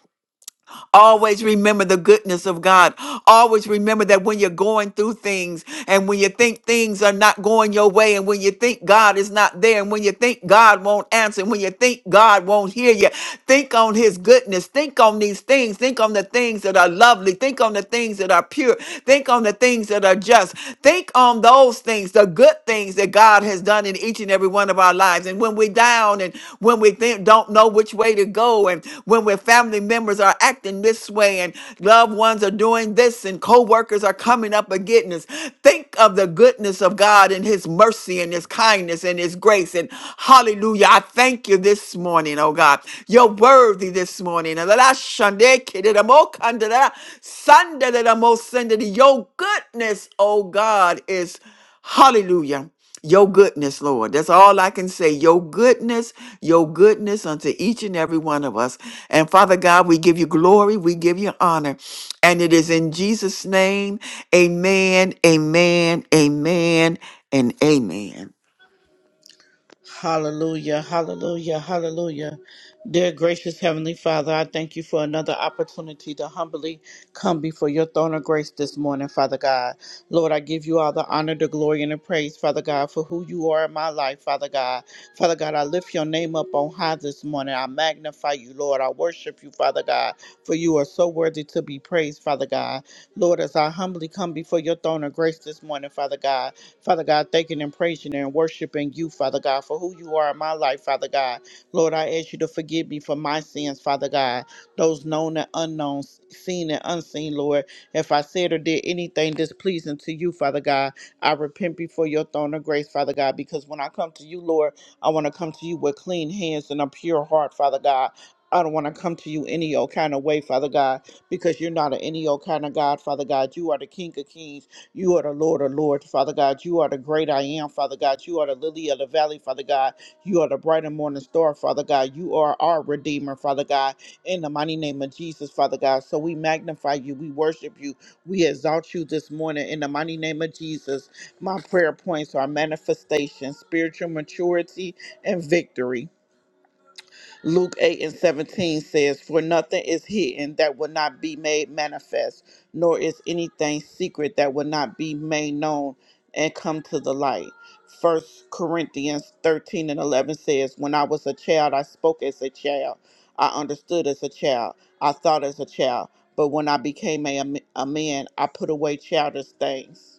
D: Always remember the goodness of God. Always remember that when you're going through things and when you think things are not going your way and when you think God is not there and when you think God won't answer and when you think God won't hear you, think on his goodness. Think on these things. Think on the things that are lovely. Think on the things that are pure. Think on the things that are just. Think on those things, the good things that God God has done in each and every one of our lives. And when we're down and when we think, don't know which way to go, and when we're family members are acting this way, and loved ones are doing this, and co workers are coming up against us, think of the goodness of God and His mercy and His kindness and His grace. And hallelujah, I thank you this morning, oh God. You're worthy this morning. And la shande kididamo kandada, sandadadamo sendadi. Your goodness, oh God, is. Hallelujah. Your goodness, Lord. That's all I can say. Your goodness, your goodness unto each and every one of us. And Father God, we give you glory, we give you honor. And it is in Jesus' name, amen, amen, amen, and amen.
A: Hallelujah, hallelujah, hallelujah. Dear gracious Heavenly Father, I thank you for another opportunity to humbly come before your throne of grace this morning, Father God. Lord, I give you all the honor, the glory, and the praise, Father God, for who you are in my life, Father God. Father God, I lift your name up on high this morning. I magnify you, Lord. I worship you, Father God, for you are so worthy to be praised, Father God. Lord, as I humbly come before your throne of grace this morning, Father God, Father God, thanking and praising and worshiping you, Father God, for who you are in my life, Father God. Lord, I ask you to forgive me for my sins, Father God, those known and unknown, seen and unseen, Lord. If I said or did anything displeasing to you, Father God, I repent before your throne of grace, Father God, because when I come to you, Lord, I want to come to you with clean hands and a pure heart, Father God. I don't want to come to you any old kind of way, Father God, because you're not an any old kind of God, Father God. You are the King of Kings. You are the Lord, O Lord, Father God. You are the great I am, Father God. You are the lily of the valley, Father God. You are the bright and morning star, Father God. You are our Redeemer, Father God. In the mighty name of Jesus, Father God. So we magnify you. We worship you. We exalt you this morning in the mighty name of Jesus. My prayer points are manifestation, spiritual maturity, and victory. Luke 8 and 17 says, For nothing is hidden that will not be made manifest, nor is anything secret that will not be made known and come to the light. First Corinthians 13 and 11 says, When I was a child, I spoke as a child. I understood as a child. I thought as a child. But when I became a, a man, I put away childish things.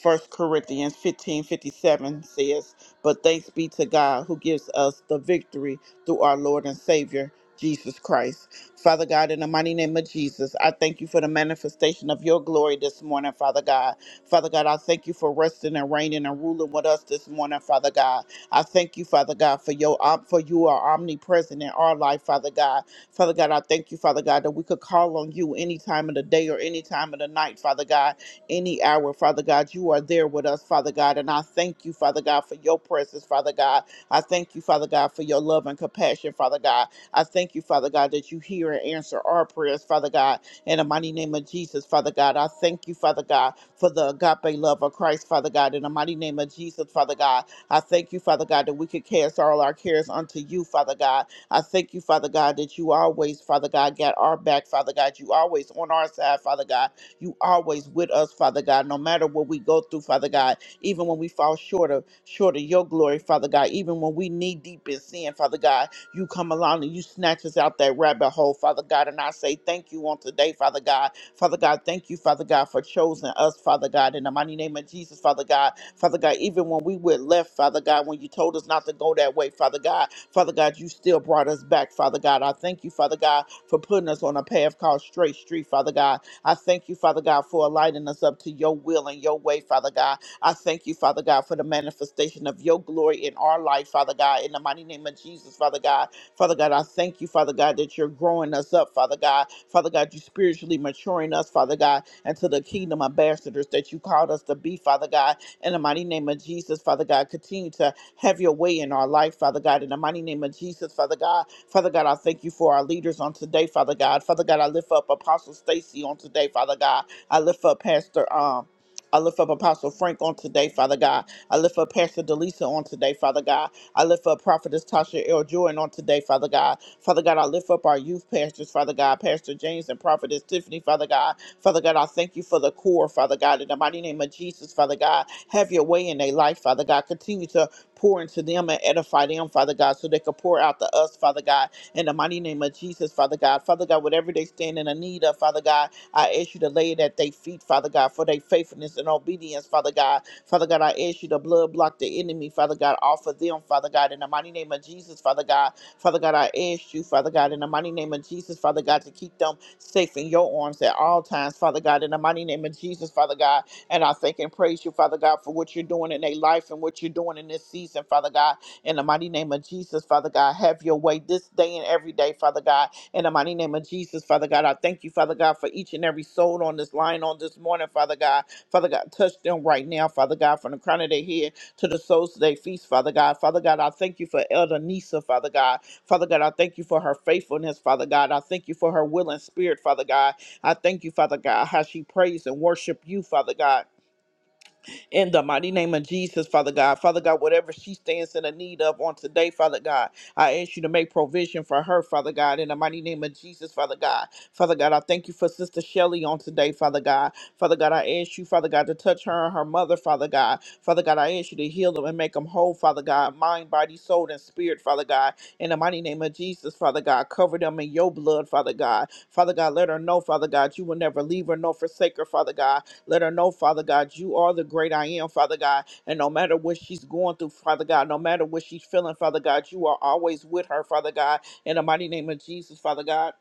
A: First Corinthians 15 57 says, But thanks be to God who gives us the victory through our Lord and Savior, Jesus Christ. Father God, in the mighty name of Jesus, I thank you for the manifestation of your glory this morning, Father God. Father God, I thank you for resting and reigning and ruling with us this morning, Father God. I thank you, Father God, for your om- for you are omnipresent in our life, Father God. Father God, I thank you, Father God, that we could call on you any time of the day or any time of the night, Father God any hour, Father God. You are there with us, Father God. And I thank you, Father God, for your presence, Father God. I thank you, Father God, for your love and compassion, Father God. I thank you, Father God, that you hear and answer our prayers, Father God. In the mighty name of Jesus, Father God, I thank you, Father God, for the agape love of Christ, Father God. In the mighty name of Jesus, Father God, I thank you, Father God, that we could cast all our cares unto you, Father God. I thank you, Father God, that you always, Father God, got our back, Father God. You always on our side, Father God. You always with us, Father God, no matter what we go through, Father God, even when we fall short of short of your glory, Father God, even when we knee deep in sin, Father God, you come along and you snatch us out that rabbit hole, Father God. And I say thank you on today, Father God. Father God, thank you, Father God, for choosing us, Father God, in the mighty name of Jesus, Father God. Father God, even when we went left, Father God, when you told us not to go that way, Father God, Father God, you still brought us back, Father God. I thank you, Father God, for putting us on a path called Straight Street, Father God. I thank you, Father God, for aligning us up to your will and your way, Father God. I thank you, Father God, for the manifestation of your glory in our life, Father God, in the mighty name of Jesus, Father God. Father God, I thank you, Father God, that you're growing us up, Father God. Father God, you are spiritually maturing us, Father God, into the kingdom ambassadors that you called us to be, Father God. In the mighty name of Jesus, Father God, continue to have your way in our life, Father God. In the mighty name of Jesus, Father God, Father God, I thank you for our leaders on today, Father God. Father God, I lift up Apostle Stacy on today, Father God. I lift up Pastor um I lift up Apostle Frank on today, Father God. I lift up Pastor Delisa on today, Father God. I lift up Prophetess Tasha L. Jordan on today, Father God. Father God, I lift up our youth pastors, Father God, Pastor James and Prophetess Tiffany, Father God. Father God, I thank you for the core, Father God. In the mighty name of Jesus, Father God, have your way in their life, Father God. Continue to pour into them and edify them, Father God, so they could pour out to us, Father God, in the mighty name of Jesus, Father God. Father God, whatever they stand in the need of, Father God, I ask you to lay it at their feet, Father God, for their faithfulness and obedience, Father God. Father God, I ask you to blood block the enemy, Father God, off of them, Father God, in the mighty name of Jesus, Father God. Father God, I ask you, Father God, in the mighty name of Jesus, Father God, to keep them safe in your arms at all times, Father God, in the mighty name of Jesus, Father God. And I thank and praise you, Father God, for what you're doing in their life and what you're doing in this season, Father God. In the mighty name of Jesus, Father God, have your way this day and every day, Father God. In the mighty name of Jesus, Father God, I thank you, Father God, for each and every soul on this line on this morning, Father God. Father God, touch them right now, Father God, from the crown of their head to the soles of their feet, Father God. Father God, I thank you for Elder Nisa, Father God. Father God, I thank you for her faithfulness, Father God. I thank you for her willing spirit, Father God. I thank you, Father God, how she prays and worship you, Father God in the mighty name of Jesus, Father God. Father God, whatever she stands in the need of on today, Father God, I ask you to make provision for her, Father God, in the mighty name of Jesus, Father God. Father God, I thank you for Sister Shelley on today, Father God. Father God, I ask you, Father God, to touch her and her mother, Father God. Father God, I ask you to heal them and make them whole, Father God, mind, body, soul, and spirit, Father God. In the mighty name of Jesus, Father God, cover them in your blood, Father God. Father God, let her know, Father God, you will never leave her nor forsake her, Father God. Let her know, Father God, you are the great I am, Father God. And no matter what she's going through, Father God, no matter what she's feeling, Father God, you are always with her, Father God. In the mighty name of Jesus, Father God.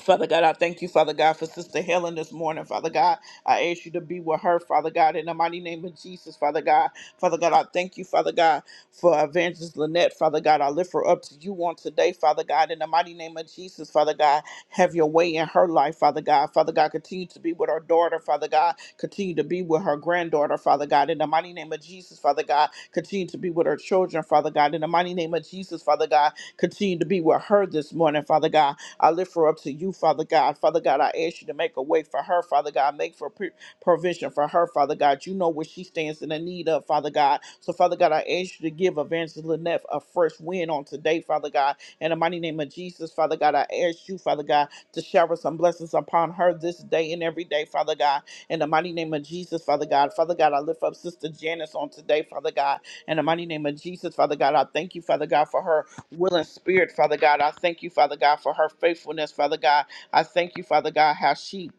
A: Father God, I thank you, Father God, for Sister Helen this morning. Father God, I ask you to be with her, Father God, in the mighty name of Jesus, Father God. Father God, I thank you, Father God, for Evangelist Lynette, Father God. I lift her up to you on today, Father God, in the mighty name of Jesus, Father God. Have your way in her life, Father God. Father God, continue to be with her daughter, Father God. Continue to be with her granddaughter, Father God, in the mighty name of Jesus, Father God. Continue to be with her children, Father God, in the mighty name of Jesus, Father God. Continue to be with her this morning, Father God. I lift her up to you, Father God. Father God, I ask you to make a way for her, Father God. Make for pre- provision for her, Father God. You know what she stands in the need of, Father God. So, Father God, I ask you to give Evangelist Lynette a fresh win on today, Father God. In the mighty name of Jesus, Father God, I ask you, Father God, to shower some blessings upon her this day and every day, Father God. In the mighty name of Jesus, Father God. Father God, I lift up Sister Janice on today, Father God. In the mighty name of Jesus, Father God, I thank you, Father God, for her willing spirit, Father God. I thank you, Father God, for her faithfulness, Father God. I thank you, Father God, how she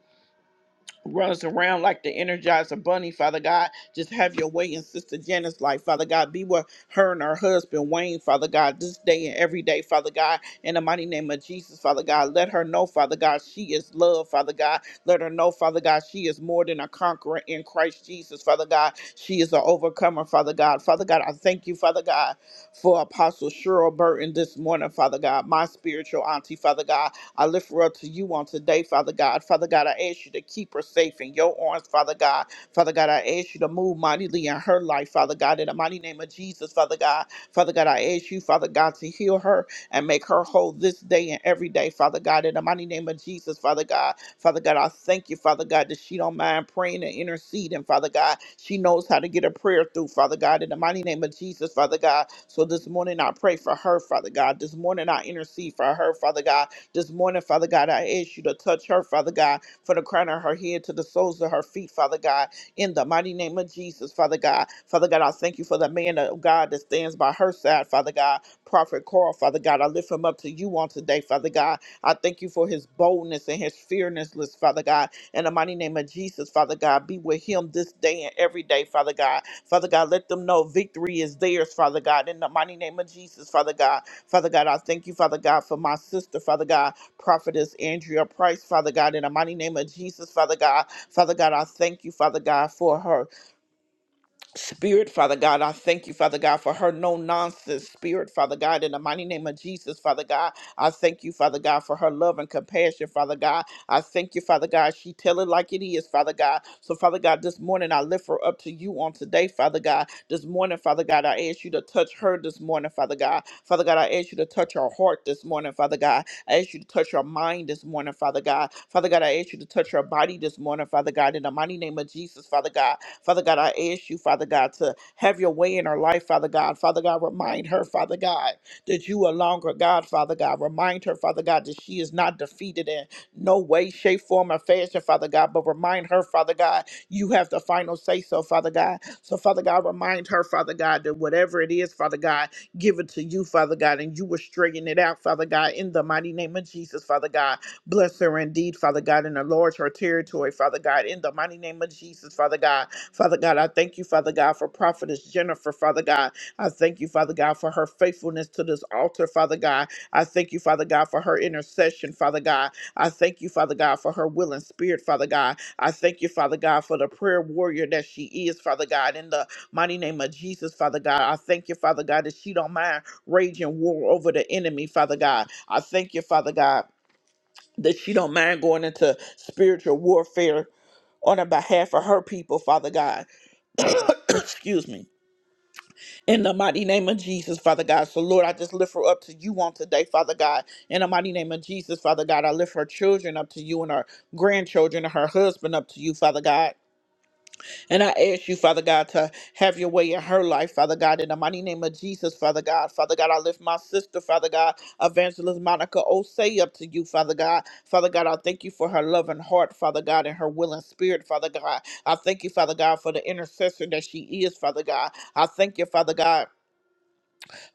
A: runs around like the energizer bunny, Father God. Just have your way in Sister Janice's life, Father God. Be with her and her husband, Wayne, Father God, this day and every day, Father God. In the mighty name of Jesus, Father God, let her know, Father God, she is love, Father God. Let her know, Father God, she is more than a conqueror in Christ Jesus, Father God. She is an overcomer, Father God. Father God, I thank you, Father God, for Apostle Cheryl Burton this morning, Father God, my spiritual auntie, Father God. I lift her up to you on today, Father God. Father God, I ask you to keep her safe in your arms, Father God. Father God, I ask you to move mightily in her life, Father God, in the mighty name of Jesus, Father God. Father God, I ask you, Father God, to heal her and make her whole this day and every day, Father God, in the mighty name of Jesus, Father God. Father God, I thank you, Father God, that she don't mind praying and interceding, Father God. She knows how to get a prayer through, Father God, in the mighty name of Jesus, Father God. So this morning I pray for her, Father God. This morning I intercede for her, Father God. This morning, Father God, I ask you to touch her, Father God, from the crown of her head to the soles of her feet, Father God, in the mighty name of Jesus, Father God. Father God, I thank you for the man of God that stands by her side, Father God. Prophet Carl, Father God, I lift him up to you on today, Father God. I thank you for his boldness and his fearlessness, Father God. In the mighty name of Jesus, Father God, be with him this day and every day, Father God. Father God, let them know victory is theirs, Father God. In the mighty name of Jesus, Father God. Father God, I thank you, Father God, for my sister, Father God, Prophetess Andrea Price, Father God, in the mighty name of Jesus, Father God. Father God, I thank you, Father God, for her. Spirit, Father God, I thank you, Father God, for her no nonsense spirit, Father God, in the mighty name of Jesus, Father God. I thank you, Father God, for her love and compassion, Father God. I thank you, Father God. She tell it like it is, Father God. So, Father God, this morning I lift her up to you on today, Father God. This morning, Father God, I ask you to touch her this morning, Father God. Father God, I ask you to touch her heart this morning, Father God. I ask you to touch her mind this morning, Father God. Father God, I ask you to touch her body this morning, Father God, in the mighty name of Jesus, Father God. Father God, I ask you, Father God, to have your way in her life, Father God. Father God, remind her, Father God, that you are longer God, Father God. Remind her, Father God, that she is not defeated in no way, shape, form, or fashion, Father God. But remind her, Father God, you have the final say so, Father God. So, Father God, remind her, Father God, that whatever it is, Father God, give it to you, Father God, and you will straighten it out, Father God, in the mighty name of Jesus, Father God. Bless her indeed, Father God, and enlarge her territory, Father God, in the mighty name of Jesus, Father God. Father God, I thank you, Father God, for Prophetess Jennifer, Father God. I thank you, Father God, for her faithfulness to this altar, Father God. I thank you, Father God, for her intercession, Father God. I thank you, Father God, for her will and spirit, Father God. I thank you, Father God, for the prayer warrior that she is, Father God. In the mighty name of Jesus, Father God, I thank you, Father God, that she don't mind raging war over the enemy, Father God. I thank you, Father God, that she don't mind going into spiritual warfare on the behalf of her people, Father God. Excuse me. In the mighty name of Jesus, Father God. So, Lord, I just lift her up to you on today, Father God. In the mighty name of Jesus, Father God, I lift her children up to you and her grandchildren and her husband up to you, Father God. And I ask you, Father God, to have your way in her life, Father God, in the mighty name of Jesus, Father God. Father God, I lift my sister, Father God, Evangelist Monica Osei up to you, Father God. Father God, I thank you for her loving heart, Father God, and her willing spirit, Father God. I thank you, Father God, for the intercessor that she is, Father God. I thank you, Father God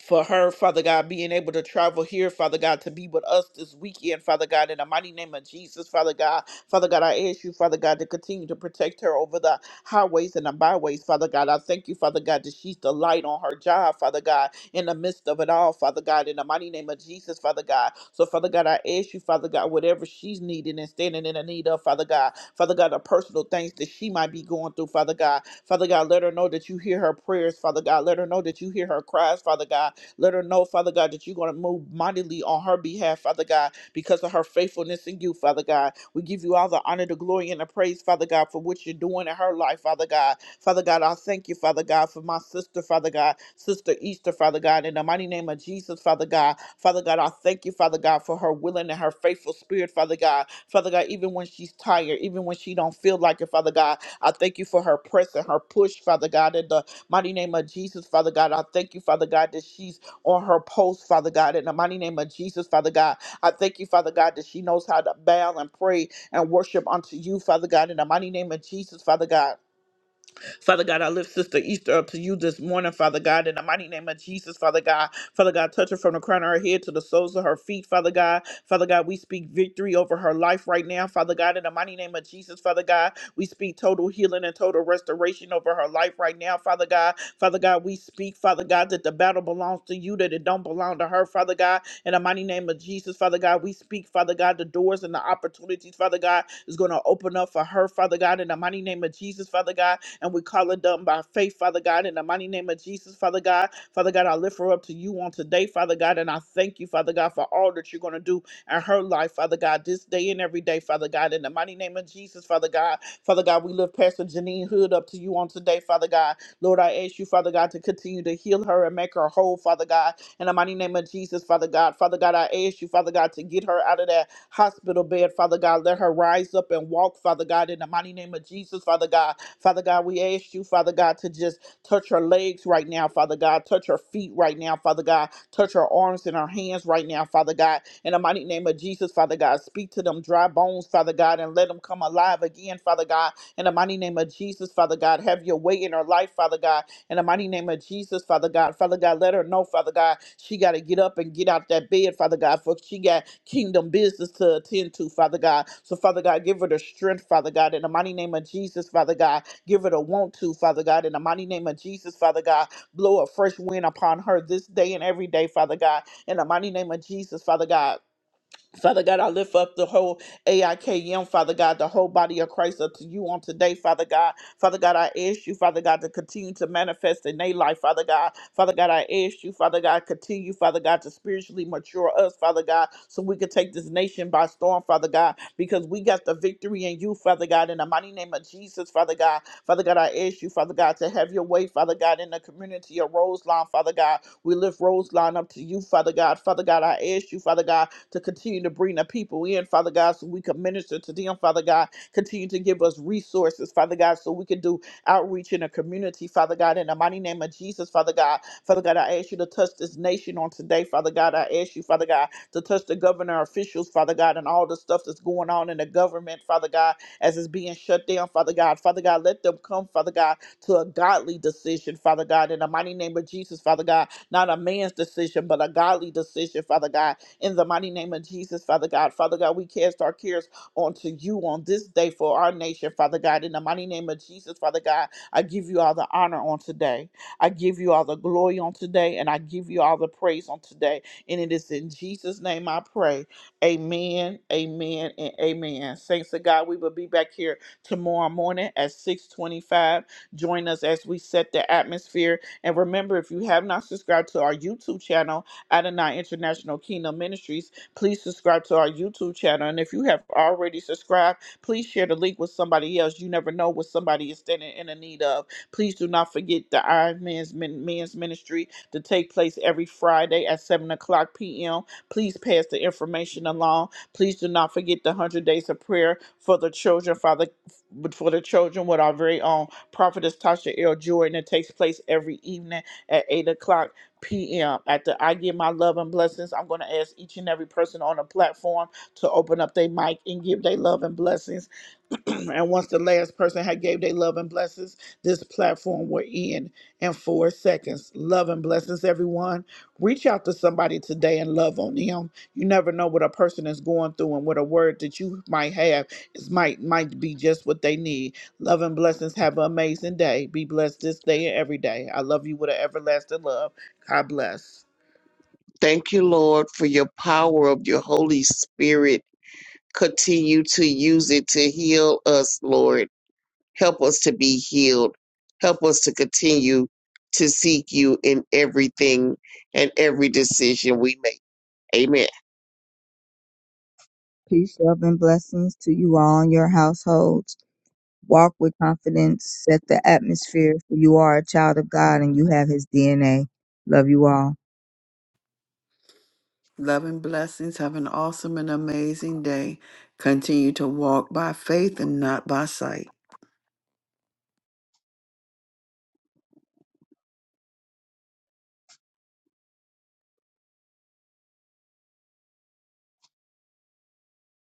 A: for her, Father God, being able to travel here, Father God, to be with us this weekend, Father God, in the mighty name of Jesus, Father God. Father God, I ask you, Father God, to continue to protect her over the highways and the byways, Father God. I thank you, Father God, that she's the light on her job, Father God in the midst of it all, Father God, in the mighty name of Jesus, Father God. So, Father God, I ask you, Father God, whatever she's needing and standing in the need of, Father God, Father God, the personal things that she might be going through, Father God, Father God, let her know that you hear her prayers, Father God, let her know that you hear her cries, Father God, let her know, Father God, that you're going to move mightily on her behalf, Father God, because of her faithfulness in you, Father God. We give you all the honor, the glory, and the praise, Father God, for what you're doing in her life, Father God. Father God, I thank you, Father God, for my sister, Father God, Sister Easter, Father God, in the mighty name of Jesus, Father God. Father God, I thank you, Father God, for her willing and her faithful spirit, Father God. Father God, even when she's tired, even when she don't feel like it, Father God, I thank you for her press and her push, Father God, in the mighty name of Jesus, Father God. I thank you, Father God, that she's on her post, Father God, in the mighty name of Jesus, Father God. I thank you, Father God, that she knows how to bow and pray and worship unto you, Father God, in the mighty name of Jesus, Father God. Father God, I lift Sister Easter up to you this morning, Father God, in the mighty name of Jesus, Father God. Father God, touch her from the crown of her head to the soles of her feet, Father God. Father God, we speak victory over her life right now, Father God, in the mighty name of Jesus, Father God. We speak total healing and total restoration over her life right now, Father God. Father God, we speak, Father God, that the battle belongs to you, that it don't belong to her, Father God. In the mighty name of Jesus, Father God, we speak, Father God, the doors and the opportunities, Father God, is going to open up for her, Father God. In the mighty name of Jesus, Father God, and we call it done by faith, Father God, in the mighty name of Jesus, Father God. Father God, I lift her up to you on today, Father God, and I thank you, Father God, for all that you're going to do in her life, Father God, this day and every day, Father God, in the mighty name of Jesus, Father God. Father God, we lift Pastor Janine Hood up to you on today, Father God. Lord, I ask you, Father God, to continue to heal her and make her whole, Father God, in the mighty name of Jesus, Father God. Father God, I ask you, Father God, to get her out of that hospital bed, Father God. Let her rise up and walk, Father God, in the mighty name of Jesus, Father God. Father God, we ask you, Father God, to just touch her legs right now, Father God. Touch her feet right now, Father God. Touch her arms and her hands right now, Father God. In the mighty name of Jesus, Father God, speak to them dry bones, Father God, and let them come alive again, Father God. In the mighty name of Jesus, Father God, have your way in her life, Father God. In the mighty name of Jesus, Father God, Father God, let her know, Father God, she got to get up and get out that bed, Father God, for she got kingdom business to attend to, Father God. So, Father God, give her the strength, Father God. In the mighty name of Jesus, Father God, Give it a want to, Father God. In the mighty name of Jesus, Father God, blow a fresh wind upon her this day and every day, Father God. In the mighty name of Jesus, Father God Father God, I lift up the whole AIKM, Father God, the whole body of Christ up to you on today, Father God. Father God, I ask you, Father God, to continue to manifest in their life, Father God. Father God, I ask you, Father God, continue, Father God, to spiritually mature us, Father God, so we can take this nation by storm, Father God, because we got the victory in you, Father God, in the mighty name of Jesus, Father God. Father God, I ask you, Father God, to have your way, Father God, in the community of Roselawn, Father God. We lift Roselawn up to you, Father God. Father God, I ask you, Father God, to continue to bring the people in, Father God, so we can minister to them, Father God. Continue to give us resources, Father God, so we can do outreach in the community, Father God, in the mighty name of Jesus, Father God. Father God, I ask you to touch this nation on today, Father God. I ask you, Father God, to touch the governor officials, Father God, and all the stuff that's going on in the government, Father God, as it's being shut down, Father God. Father God, let them come, Father God, to a godly decision, Father God, in the mighty name of Jesus, Father God not a man's decision, but a godly decision, Father God. In the mighty name of Jesus, Father God. Father God, we cast our cares onto you on this day for our nation, Father God. In the mighty name of Jesus, Father God, I give you all the honor on today. I give you all the glory on today, and I give you all the praise on today. And it is in Jesus' name I pray. Amen, amen, and amen. Thanks to God, we will be back here tomorrow morning at 625. Join us as we set the atmosphere and remember, if you have not subscribed to our YouTube channel, Adonai International Kingdom Ministries, please subscribe to our YouTube channel. And if you have already subscribed, please share the link with somebody else. You never know what somebody is standing in the need of. Please do not forget the Iron Man's Men- Men's Ministry to take place every Friday at 7 o'clock p.m. Please pass the information along. Please do not forget the 100 Days of Prayer for the Children, Father but for the children with our very own prophetess Tasha L. Jordan. It takes place every evening at 8 o'clock p.m. After I give my love and blessings, I'm going to ask each and every person on the platform to open up their mic and give their love and blessings. and once the last person had gave their love and blessings, this platform will end in four seconds. Love and blessings, everyone. Reach out to somebody today and love on them. You never know what a person is going through and what a word that you might have is might might be just what they need. Love and blessings. Have an amazing day. Be blessed this day and every day. I love you with an everlasting love. God bless.
B: Thank you, Lord, for your power of your Holy Spirit continue to use it to heal us, Lord. Help us to be healed. Help us to continue to seek you in everything and every decision we make. Amen.
C: Peace, love, and blessings to you all and your households. Walk with confidence. Set the atmosphere for you are a child of God and you have his DNA. Love you all.
D: Love and blessings. Have an awesome and amazing day. Continue to walk by faith and not by sight.